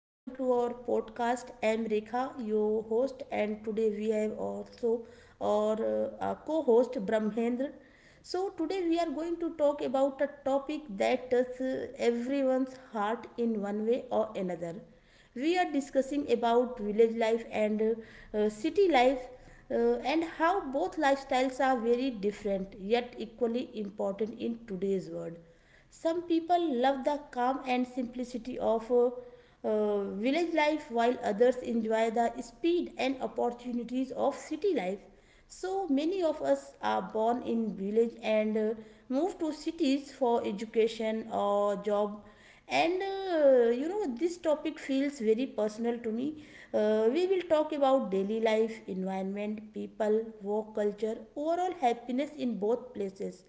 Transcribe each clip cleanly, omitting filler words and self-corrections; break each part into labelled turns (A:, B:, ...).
A: welcome to our podcast. I am Rekha, your host, and today we have also our co host Brahmendra. So, today we are going to talk about a topic that touches everyone's heart in one way or another. We are discussing about village life and city life uh, and how both lifestyles are very different yet equally important in today's world. Some people love the calm and simplicity of village life, while others enjoy the speed and opportunities of city life. So many of us are born in village and move to cities for education or job. And this topic feels very personal to me. We will talk about daily life, environment, people, work culture, overall happiness in both places,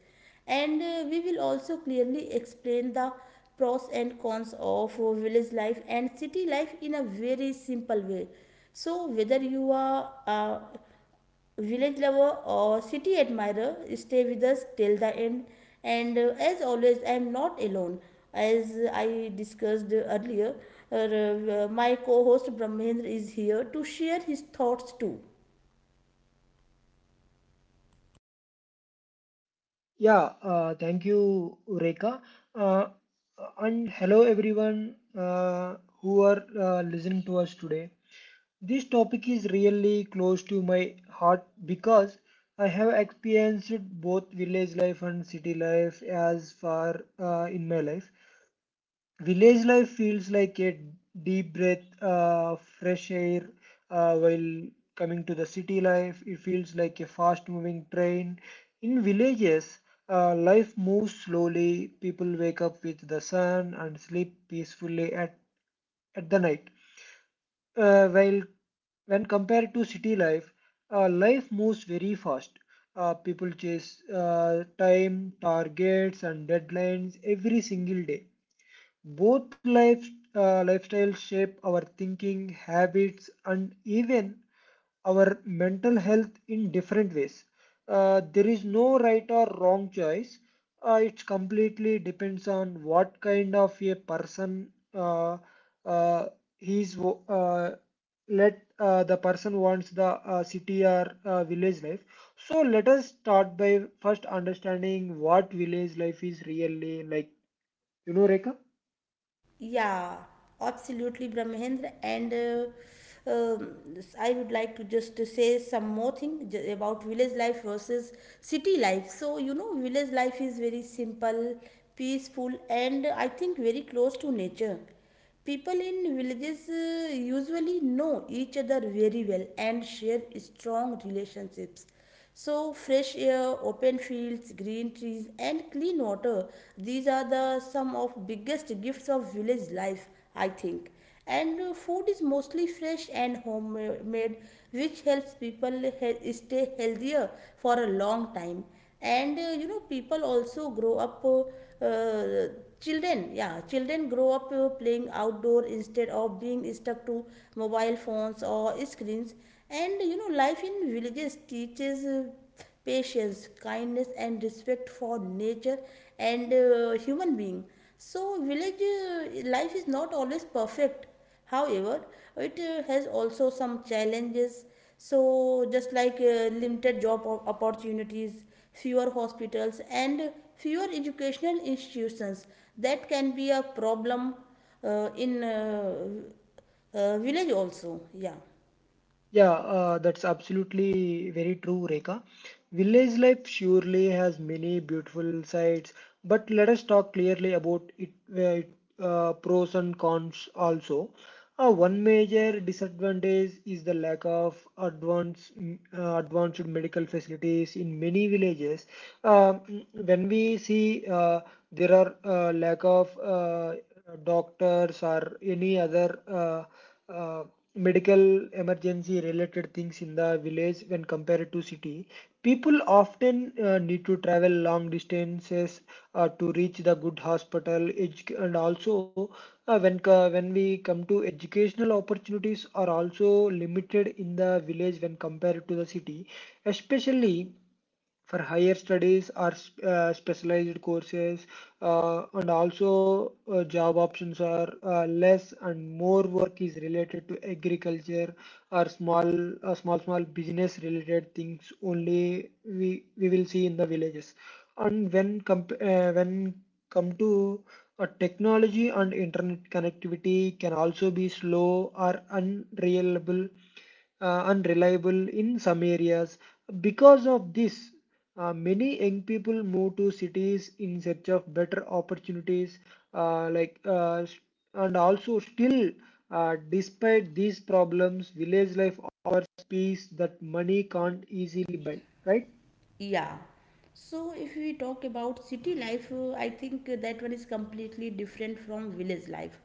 A: and we will also clearly explain the pros and cons of village life and city life in a very simple way. So whether you are a village lover or city admirer, stay with us till the end. And as always, I am not alone. As I discussed earlier, my co-host Brahmendra is here to share his thoughts too.
B: Yeah, thank you, Reka. Uh, and hello, everyone who are listening to us today. This topic is really close to my heart because I have experienced both village life and city life as far in my life. Village life feels like a deep breath, fresh air, while coming to the city life, it feels like a fast moving train. In villages, life moves slowly, people wake up with the sun and sleep peacefully at the night. While when compared to city life, life moves very fast. People chase time, targets, and deadlines every single day. Both life, lifestyles shape our thinking, habits, and even our mental health in different ways. There is no right or wrong choice. It completely depends on what kind of a person uh, he's. Let the person wants the city or village life. So let us start by first understanding what village life is really like. You know, Rekha?
A: Yeah, absolutely, Brahmendra. And I would like to just say some more thing about village life versus city life. So, village life is very simple, peaceful, and I think very close to nature. People in villages usually know each other very well and share strong relationships. So, fresh air, open fields, green trees, and clean water, these are the some of biggest gifts of village life, I think. And food is mostly fresh and homemade, which helps people stay healthier for a long time. And people also grow up, uh, children, yeah, children grow up playing outdoor instead of being stuck to mobile phones or screens. And life in villages teaches patience, kindness, and respect for nature and human being. So, village life is not always perfect. However, it has also some challenges. So, just like limited job opportunities, fewer hospitals, and fewer educational institutions, that can be a problem in village also. Yeah.
B: Yeah, that's absolutely very true, Rekha. Village life surely has many beautiful sides, but let us talk clearly about it, pros and cons also. One major disadvantage is the lack of advanced medical facilities in many villages. When we see there are lack of doctors or any other uh, medical emergency related things in the village. When compared to city, people often need to travel long distances to reach the good hospital. And also when we come to educational opportunities, are also limited in the village when compared to the city, especially for higher studies or specialized courses. And also job options are less, and more work is related to agriculture or small small business related things only we will see in the villages. When come to technology and internet connectivity can also be slow or unreliable in some areas. Because of this, many young people move to cities in search of better opportunities, uh, like uh, s- and also still, despite these problems, village life offers peace that money can't easily buy. Right?
A: Yeah. So if we talk about city life, I think that one is completely different from village life.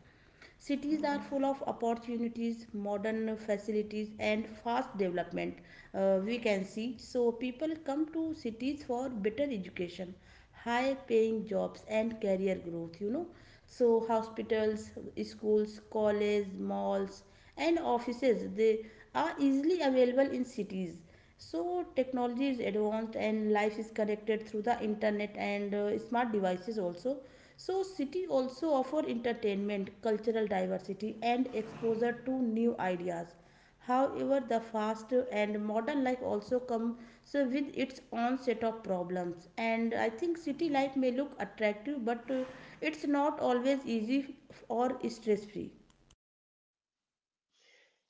A: Cities are full of opportunities, modern facilities, and fast development. We can see, so people come to cities for better education, high paying jobs, and career growth, so hospitals, schools, colleges, malls, and offices, they are easily available in cities. So technology is advanced and life is connected through the internet and smart devices also. So city also offer entertainment, cultural diversity, and exposure to new ideas. However, the fast and modern life also comes with its own set of problems. And I think city life may look attractive, but it's not always easy or stress free.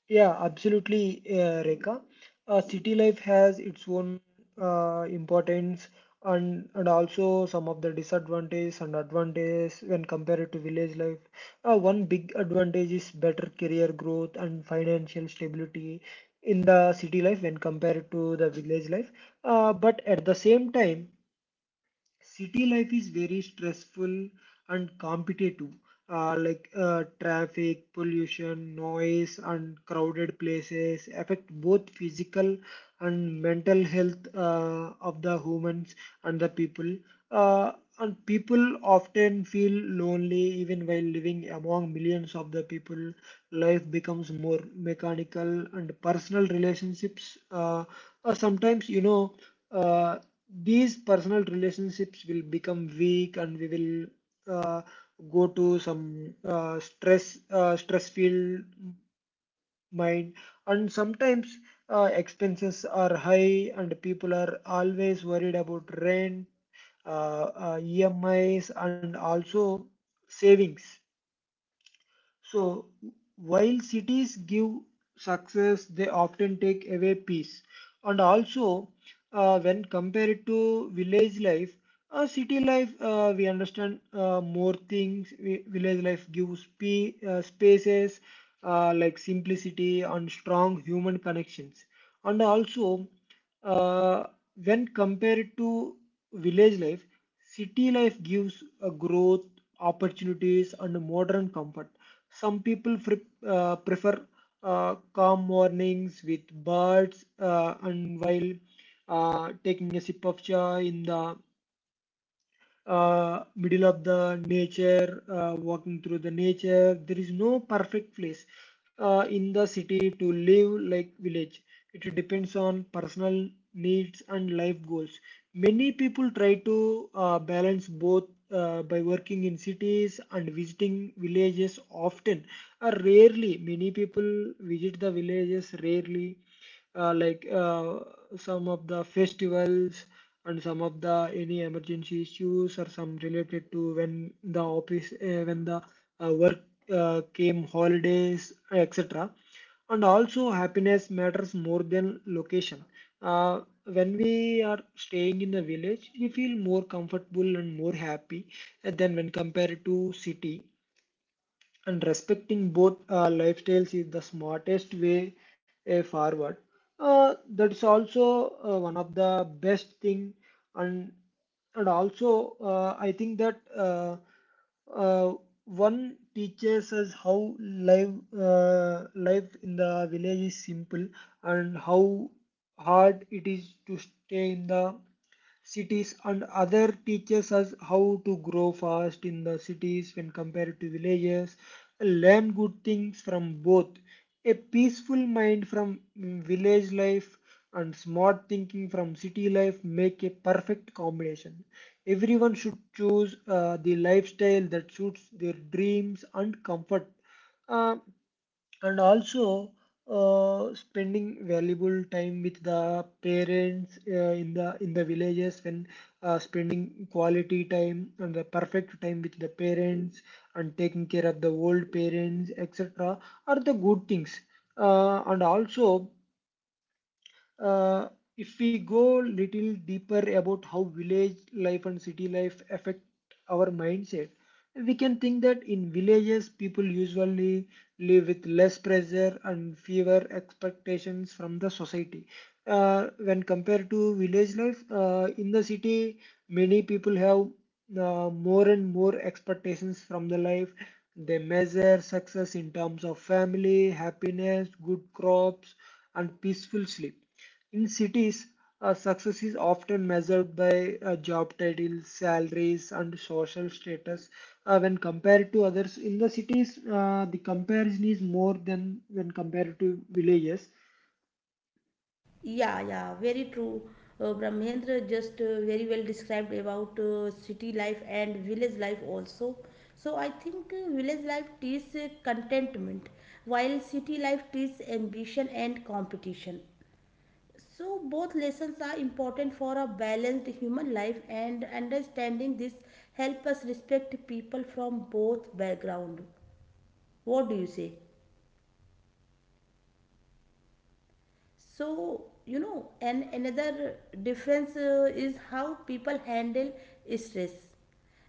B: Yeah, absolutely, Rekha. City life has its own importance, and also some of the disadvantages and advantages when compared to village life. One big advantage is better career growth and financial stability in the city life when compared to the village life. But at the same time, city life is very stressful and competitive, like traffic, pollution, noise, and crowded places affect both physical and mental health of the humans and the people. Uh, and people often feel lonely even while living among millions of the people. Life becomes more mechanical and personal relationships. Sometimes, you know, Uh, these personal relationships will become weak, and we will go to some stress filled mind. And sometimes expenses are high, and people are always worried about rent, emis, and also savings. So, while cities give success, they often take away peace. And also, when compared to village life, city life, we understand more things. Village life gives spaces like simplicity and strong human connections. And also, uh, when compared to village life, city life gives a growth, opportunities, and modern comfort. Some people prefer calm mornings with birds, and while taking a sip of chai in the middle of the nature, walking through the nature. There is no perfect place in the city to live like village. It depends on personal needs and life goals. Many people try to balance both by working in cities and visiting villages often. Rarely, many people visit the villages rarely, like some of the festivals and some of the any emergency issues, or some related to when the work came, holidays, etc. And also, happiness matters more than location. uh, when we are staying in the village, we feel more comfortable and more happy than when compared to city. And respecting both lifestyles is the smartest way forward. That's also one of the best thing, and and also I think that uh, one teaches us how life in the village is simple, and how hard it is to stay in the cities. And other teaches us how to grow fast in the cities when compared to villages. Learn good things from both: a peaceful mind from village life and smart thinking from city life make a perfect combination. Everyone should choose the lifestyle that suits their dreams and comfort. Uh, and also, spending valuable time with the parents in the villages, when spending quality time and the perfect time with the parents and taking care of the old parents, etc., are the good things. And also, uh, if we go little deeper about how village life and city life affect our mindset, we can think that in villages people usually live with less pressure and fewer expectations from the society. When compared to village life, in the city, many people have more and more expectations from the life. They measure success in terms of family, happiness, good crops, and peaceful sleep. In cities, success is often measured by job titles, salaries, and social status, when compared to others. In the cities, the comparison is more than when compared to villages.
A: Yeah, yeah, very true. Brahmendra just very well described about city life and village life also. So I think village life teaches contentment, while city life teaches ambition and competition. So both lessons are important for a balanced human life, and understanding this help us respect people from both background. What do you say? So and another difference is how people handle stress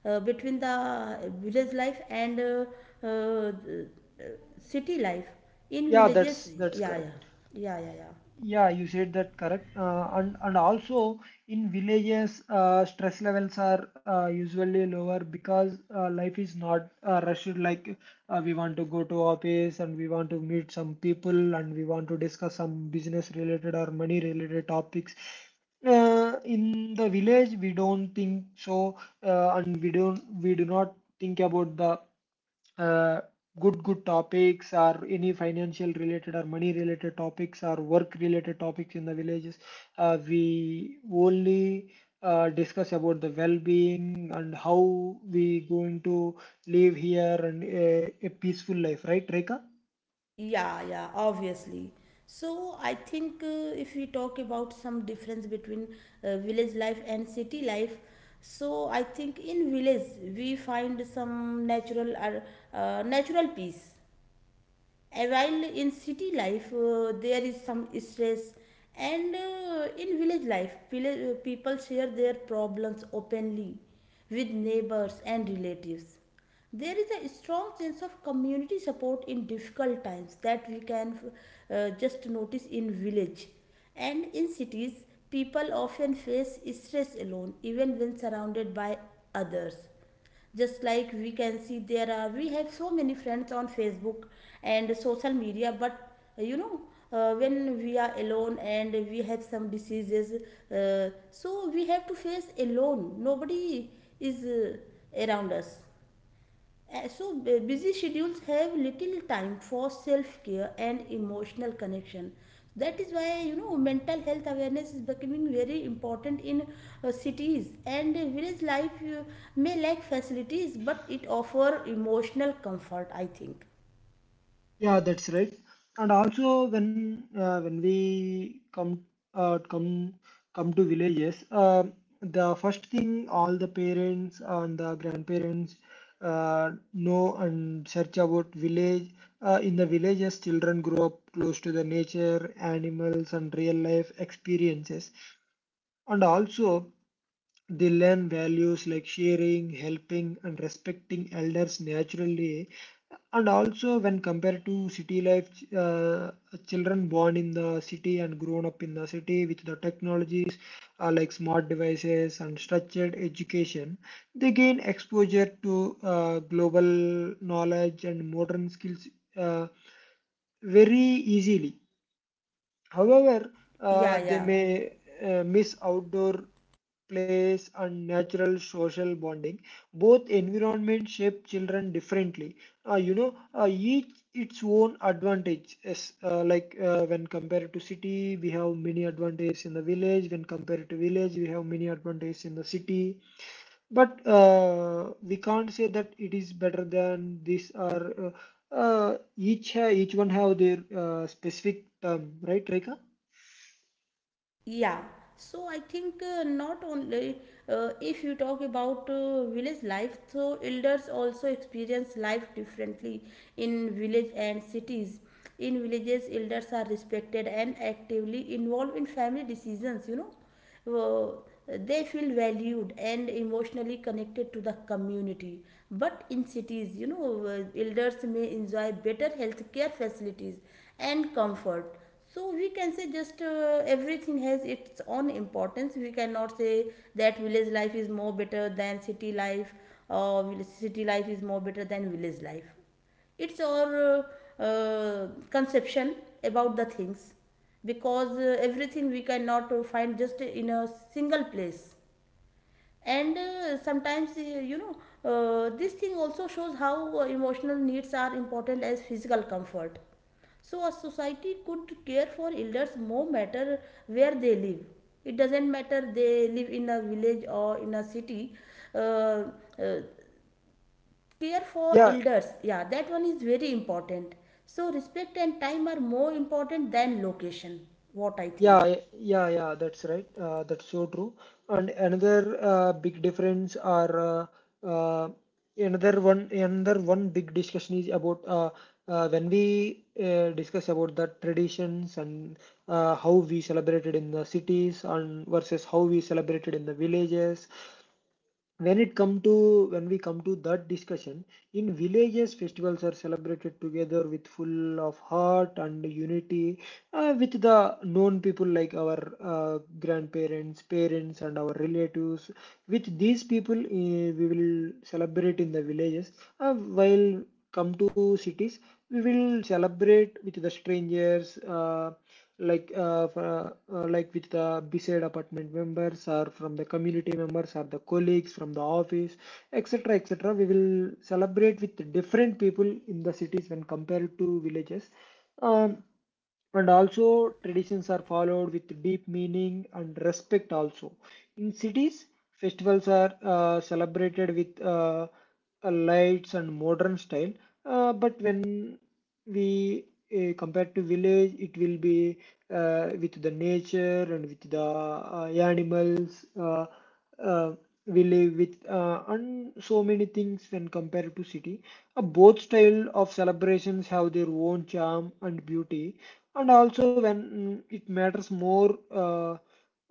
A: between the village life and uh, city life in
B: Yeah,
A: villages.
B: that's
A: Yeah, yeah,
B: correct.
A: yeah, yeah, yeah.
B: Yeah, you said that correct. And also in villages, stress levels are usually lower because life is not rushed. Like, we want to go to office, and we want to meet some people, and we want to discuss some business related or money related topics. In the village, we don't think so, and we do not think about the uh, good topics or any financial related or money related topics or work related topics in the villages. We only discuss about the well-being and how we going to live here and a peaceful life, right, Reka?
A: Yeah, yeah, obviously. So I think if we talk about some difference between village life and city life, so I think in village we find some natural or natural peace, while in city life there is some stress. And in village life, people share their problems openly with neighbors and relatives. There is a strong sense of community support in difficult times that we can just notice in village. And in cities, people often face stress alone even when surrounded by others. Just like we can see, there are we have so many friends on Facebook and social media. But when we are alone and we have some diseases, so we have to face alone, nobody is around us. So, busy schedules have little time for self care and emotional connection. That is why, mental health awareness is becoming very important in cities. And village life may lack facilities, but it offer emotional comfort, I think.
B: Yeah, that's right. And also, when uh, when we come uh, come come to villages, the first thing all the parents and the grandparents know and search about village. In the villages, children grow up close to the nature, animals, and real life experiences. And also, they learn values like sharing, helping, and respecting elders naturally. And also, when compared to city life, uh, children born in the city and grown up in the city with the technologies like smart devices and structured education, they gain exposure to global knowledge and modern skills. Uh, Very easily. However,
A: Yeah,
B: they
A: yeah.
B: may miss outdoor workplace and natural social bonding. Both environments shape children differently. You know, each its own advantage. Yes, like when compared to city, we have many advantages in the village; when compared to village, we have many advantages in the city. But we can't say that it is better than this, or each one have their specific term, right, Rika?
A: Yeah, so I think not only if you talk about village life, so elders also experience life differently in village and cities. In villages, elders are respected and actively involved in family decisions, uh, they feel valued and emotionally connected to the community. But in cities, elders may enjoy better healthcare facilities and comfort. So we can say, just everything has its own importance. We cannot say that village life is more better than city life, or city life is more better than village life. It's our conception about the things, because everything we cannot find just in a single place. And sometimes, this thing also shows how emotional needs are important as physical comfort. So a society could care for elders more matter where they live. It doesn't matter they live in a village or in a city. Uh, uh, care for
B: Yeah.
A: elders, yeah, that one is very important. So respect and time are more important than location, what I
B: Yeah,
A: think.
B: y- yeah, yeah, that's right. That's so true. And another big difference are uh, another one big discussion is about when we discuss about the traditions and how we celebrated in the cities and versus how we celebrated in the villages. When we come to that discussion, in villages festivals are celebrated together with full of heart and unity, with the known people like our grandparents, parents, and our relatives. With these people we will celebrate in the villages. Uh, while come to cities, we will celebrate with the strangers, like with the beside apartment members or from the community members or the colleagues from the office, etc., etc. We will celebrate with different people in the cities when compared to villages. Um, and also, traditions are followed with deep meaning and respect also. In cities, festivals are celebrated with lights and modern style, but when we compare to village, it will be with the nature and with the animals. Uh, we live with and so many things when compared to city. Both style of celebrations have their own charm and beauty, and also when it matters more.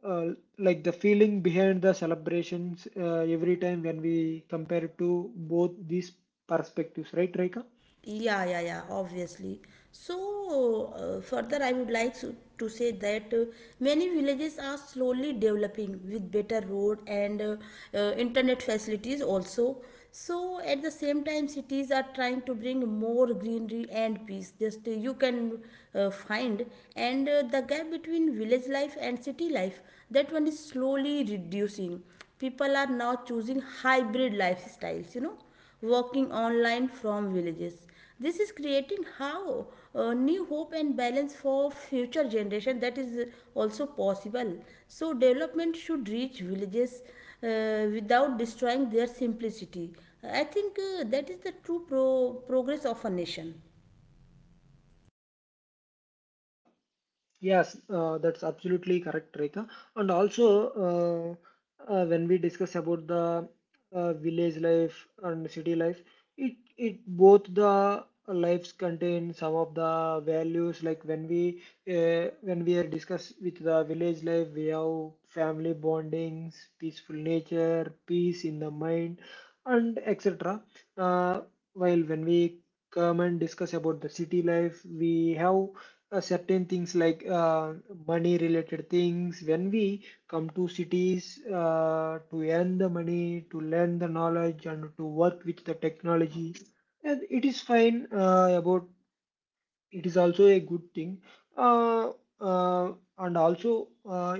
B: uh, like the feeling behind the celebrations every time when we compare to both these perspectives, right, Rika?
A: Yeah, yeah, yeah, obviously. So, further, I would like to say that many villages are slowly developing with better road and internet facilities also. So, at the same time, cities are trying to bring more greenery and peace. Just you can find. And the gap between village life and city life, that one is slowly reducing. People are now choosing hybrid lifestyles, working online from villages. This is creating how new hope and balance for future generation, that is also possible. So development should reach villages without destroying their simplicity. I think that is the true progress of a nation.
B: Yeah, Yes, that's absolutely correct, Rekha. And also, when we discuss about the village life and city life, it both the lives contain some of the values. Like when we are discuss with the village life, we have family bondings, peaceful nature, peace in the mind, and etc. Uh, while when we come and discuss about the city life, we have certain things like money related things when we come to cities to earn the money to learn the knowledge and to work with the technology, and it is fine about it is also a good thing. Uh, uh, and also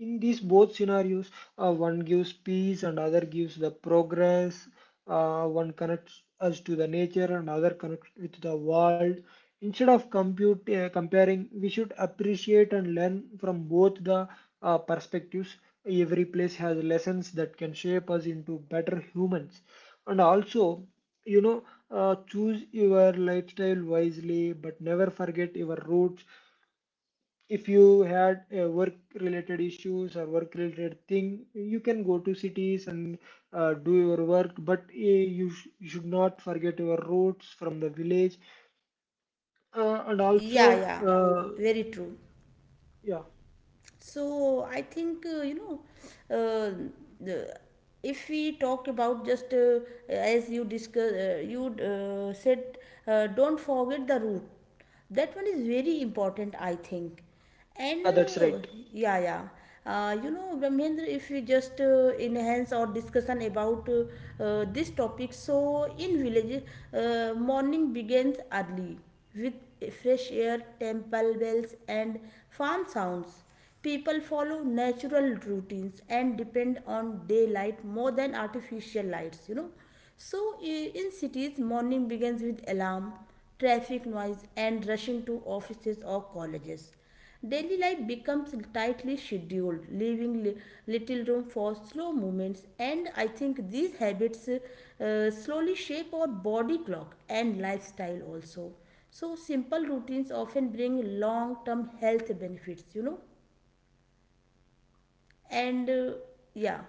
B: In these both scenarios, one gives peace and other gives the progress. One connects us to the nature and other connects with the world. Instead of compute comparing we should appreciate and learn from both the perspectives. Every place has lessons that can shape us into better humans. And also you know Choose your lifestyle wisely but never forget your roots. If you had work related issues or work related thing, you can go to cities and do your work, but you should not forget your roots from the village. And
A: Yeah,
B: also
A: yeah, very true.
B: yeah
A: So I think uh, the- if we talk about, just as you discuss, you said, don't forget the root. That one is very important, I think.
B: yeah
A: And
B: that's right.
A: yeah, yeah. Brahmendra, if we just enhance our discussion about this topic, so in villages, morning begins early with fresh air, temple bells, and farm sounds. People follow natural routines and depend on daylight more than artificial lights. So, in cities, morning begins with alarm, traffic noise, and rushing to offices or colleges. Daily life becomes tightly scheduled, leaving little room for slow movements, and I think these habits slowly shape our body clock and lifestyle also. So, simple routines often bring long term health benefits, and yeah,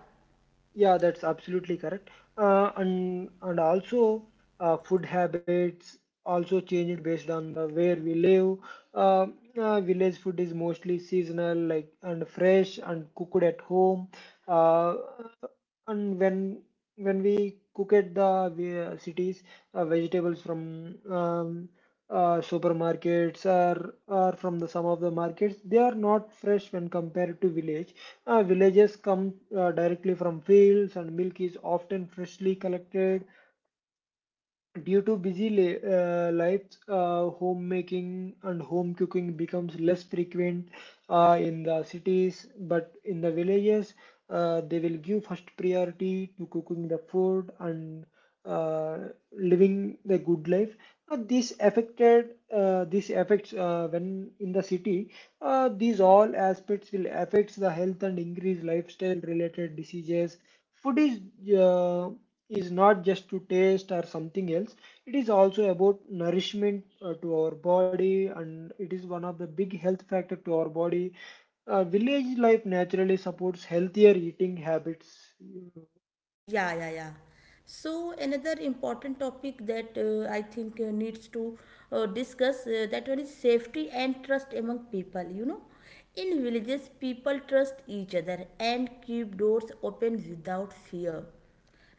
B: Yeah, that's absolutely correct. And also food habits also changed based on the where we live. Uh, Village food is mostly seasonal, like and fresh and cooked at home. Uh, and when we cook at the cities, vegetables from supermarkets or from the some of the markets, they are not fresh when compared to village. Villages come directly from fields, and milk is often freshly collected. Due to lives, homemaking and home cooking becomes less frequent in the cities, but in the villages, they will give first priority to cooking the food and uh, living the good life. This affects when in the city. These all aspects will affect the health and increase lifestyle related diseases. Food is not just to taste or something else, it is also about nourishment to our body, and it is one of the big health factor to our body. Village life naturally supports healthier eating habits.
A: yeah, yeah, yeah. So another important topic that I think needs to discuss, that one is safety and trust among people. In villages, people trust each other and keep doors open without fear.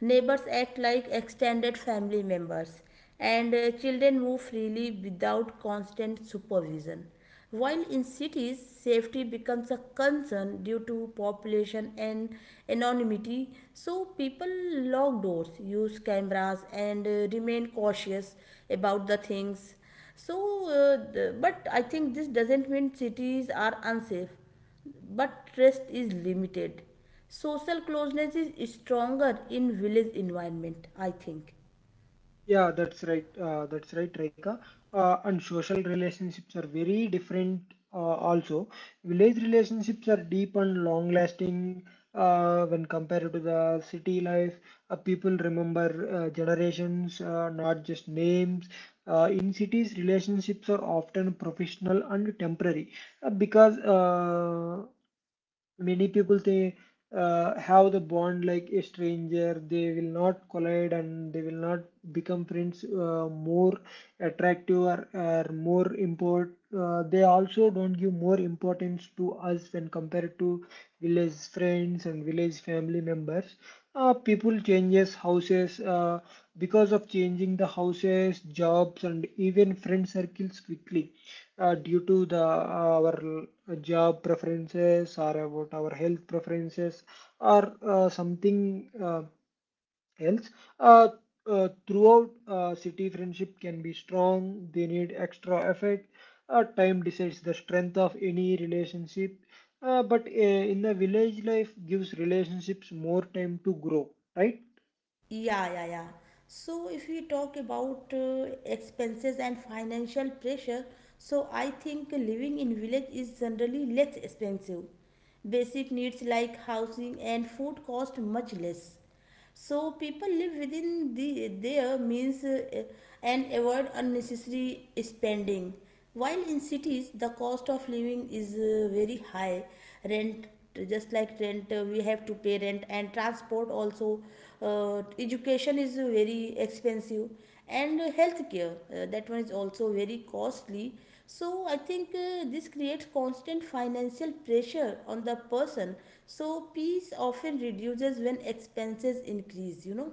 A: Neighbors act like extended family members, and children move freely without constant supervision. While in cities, safety becomes a concern due to population and anonymity, so people lock doors, use cameras, and remain cautious about the things. So, but I think this doesn't mean cities are unsafe, but trust is limited. Social closeness is stronger in village environment, I think.
B: Yeah, that's right. That's right, Reka. And social relationships are very different. Also, village relationships are deep and long-lasting. When compared to the city life, people remember generations, not just names. In cities, relationships are often professional and temporary because many people they have the bond like a stranger, they will not collide and they will not become friends. More attractive or more import They also don't give more importance to us when compared to village friends and village family members. People changes houses because of changing the houses jobs and even friend circles quickly, due to the our job preferences or about our health preferences, or something else. Uh, throughout City friendship can be strong, they need extra effort. Time decides the strength of any relationship. But In the village life gives relationships more time to grow, right?
A: Yeah, yeah, yeah. So if we talk about expenses and financial pressure, so I think living in village is generally less expensive. Basic needs like housing and food cost much less. So people live within their means, and avoid unnecessary spending. While in cities, the cost of living is very high. Rent, just like rent, we have to pay rent, and transport also. Education is very expensive, and healthcare, that one is also very costly. So I think this creates constant financial pressure on the person. So peace often reduces when expenses increase.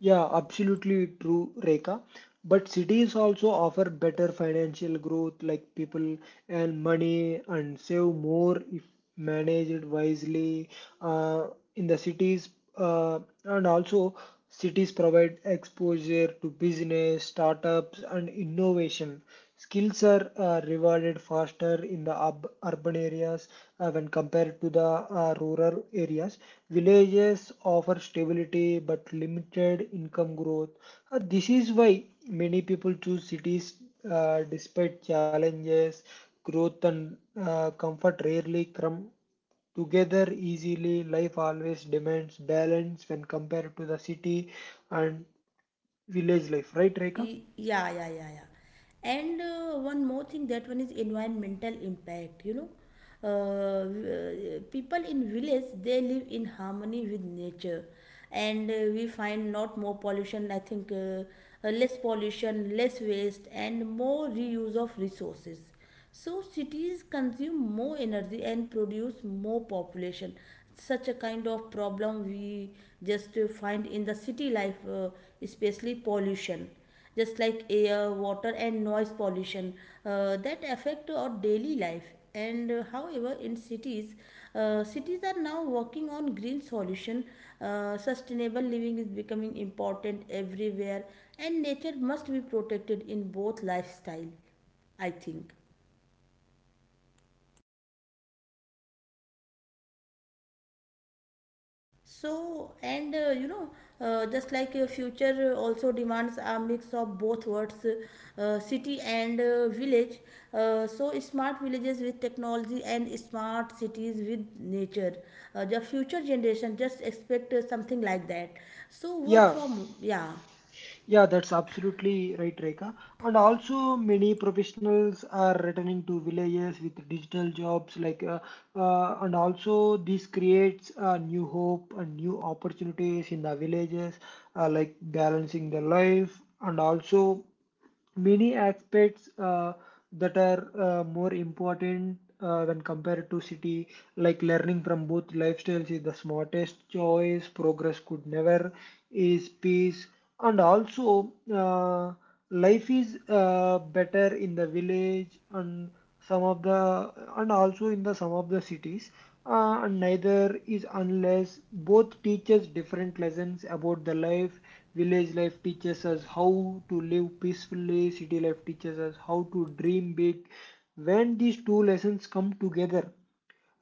B: Yeah, Absolutely true, Rekha. But cities also offer better financial growth, like people earn money and save more if managed wisely. Uh, in the cities, and also cities provide exposure to business, startups, and innovation. Skills are rewarded faster in the urban areas when compared to the rural areas. Villages offer stability but limited income growth. This is why many people choose cities despite challenges, growth, and comfort rarely come together easily. Life always demands balance when compared to the city and village life, right, Rekha?
A: Yeah, yeah, yeah, yeah. And one more thing, that one is environmental impact, people in village, they live in harmony with nature, and we find not more pollution, I think. Less pollution, less waste, and more reuse of resources. So cities consume more energy and produce more population. Such a kind of problem we just find in the city life, especially pollution, just like air, water, and noise pollution that affect our daily life. And however, in cities, cities are now working on green solution. Sustainable living is becoming important everywhere, and nature must be protected in both lifestyle, I think. So, and just like future also demands a mix of both words, city and village. So, smart villages with technology and smart cities with nature. The future generation just expect something like that. So, work
B: Yeah,
A: from, yeah.
B: Yeah, that's absolutely right, Reka. And also, many professionals are returning to villages with digital jobs, like, and also this creates new hope and new opportunities in the villages, like balancing the life and also many aspects that are more important when compared to city, like learning from both lifestyles is the smartest choice. Progress could never is peace, and also life is better in the village and some of the, and also, in the some of the cities. And neither is unless both teaches different lessons about the life. Village life teaches us how to live peacefully, city life teaches us how to dream big. When these two lessons come together,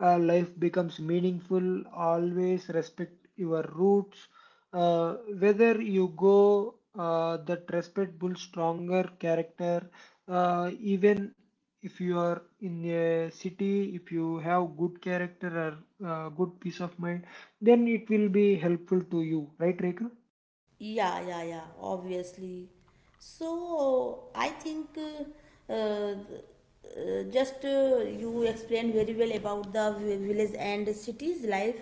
B: life becomes meaningful. Always respect your roots. Uh, Whether you go, that respect builds stronger character. Even if you are in a city, if you have good character or good peace of mind, then it will be helpful to you, right, Rekha?
A: Yeah, yeah, yeah, obviously. So I think just you explained very well about the village and cities life.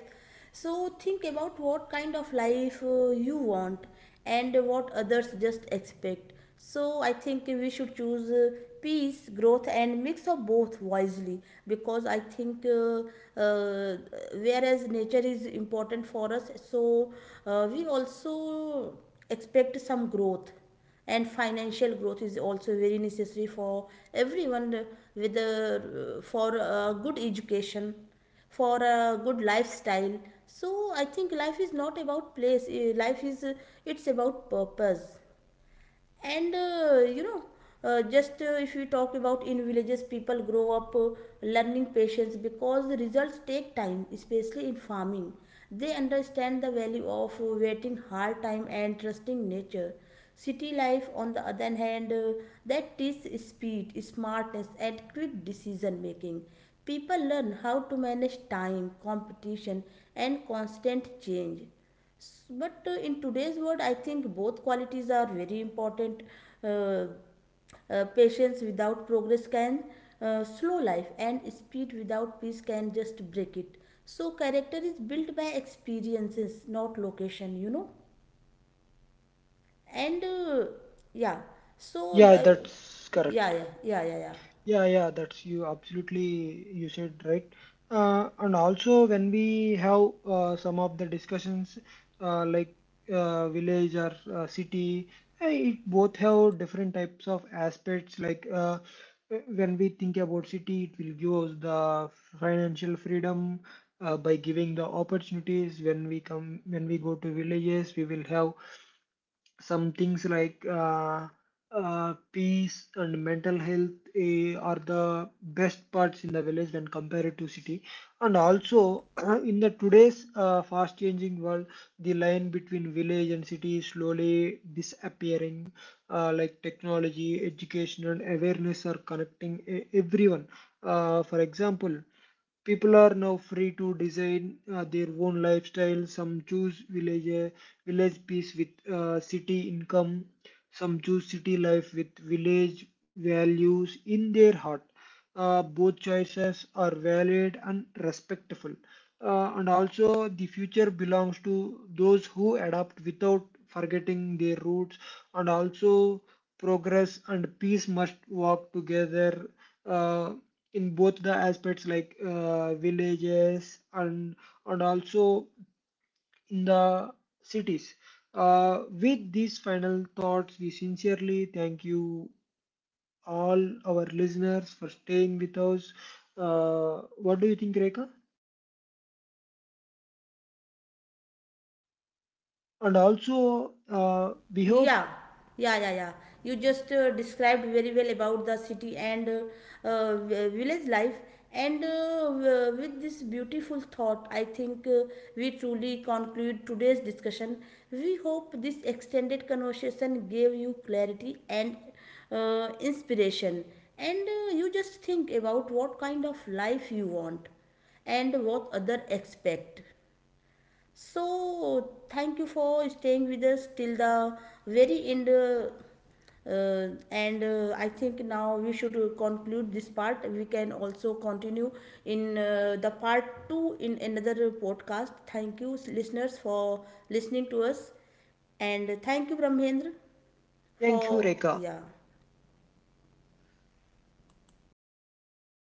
A: So think about what kind of life you want and what others just expect. So I think we should choose peace, growth, and mix of both wisely, because I think uh, whereas nature is important for us, so we also expect some growth, and financial growth is also very necessary for everyone, for a good education, for a good lifestyle. So I think life is not about place. Life is it's about purpose. And just if we talk about, in villages people grow up learning patience because the results take time, especially in farming. They understand the value of waiting hard time and trusting nature. City life, on the other hand, that teaches speed, smartness, and quick decision making. People learn how to manage time, competition, and constant change. But in today's world, I think both qualities are very important. uh, Patience without progress can slow life, and speed without peace can just break it. So character is built by experiences, not location. And yeah. so
B: Yeah,
A: the
B: that's
A: Yeah,
B: correct.
A: yeah, yeah, yeah, yeah.
B: Yeah, yeah, that's you absolutely you said right. And also when we have some of the discussions like village or city, it both have different types of aspects. Like, when we think about city, it will give us the financial freedom by giving the opportunities. When we go to villages, we will have some things like peace and mental health are the best parts in the village when compared to city, and also in the today's fast changing world, the line between village and city is slowly disappearing. Like technology, education and awareness are connecting everyone. For example, people are now free to design their own lifestyle. Some choose village peace with city income, some choose city life with village values in their heart. Both choices are valid and respectful. And also the future belongs to those who adapt without forgetting their roots, and also progress and peace must walk together uh, in both the aspects, like villages and, and also, in the cities. With these final thoughts, we sincerely thank you all our listeners for staying with us. What do you think, Rekha? And also, we hope.
A: Yeah, yeah, yeah, yeah. You just
B: uh,
A: described very well about the city and village life. And with this beautiful thought, I think we truly conclude today's discussion. We hope this extended conversation gave you clarity and inspiration. And you just think about what kind of life you want and what other expect. So, thank you for staying with us till the very end. And I think now we should conclude this part. We can also continue in the part two in another podcast. Thank you, listeners, for listening to us. And thank you, Brahmendra,
B: Thank you,
A: for
B: Rekha.
A: yeah.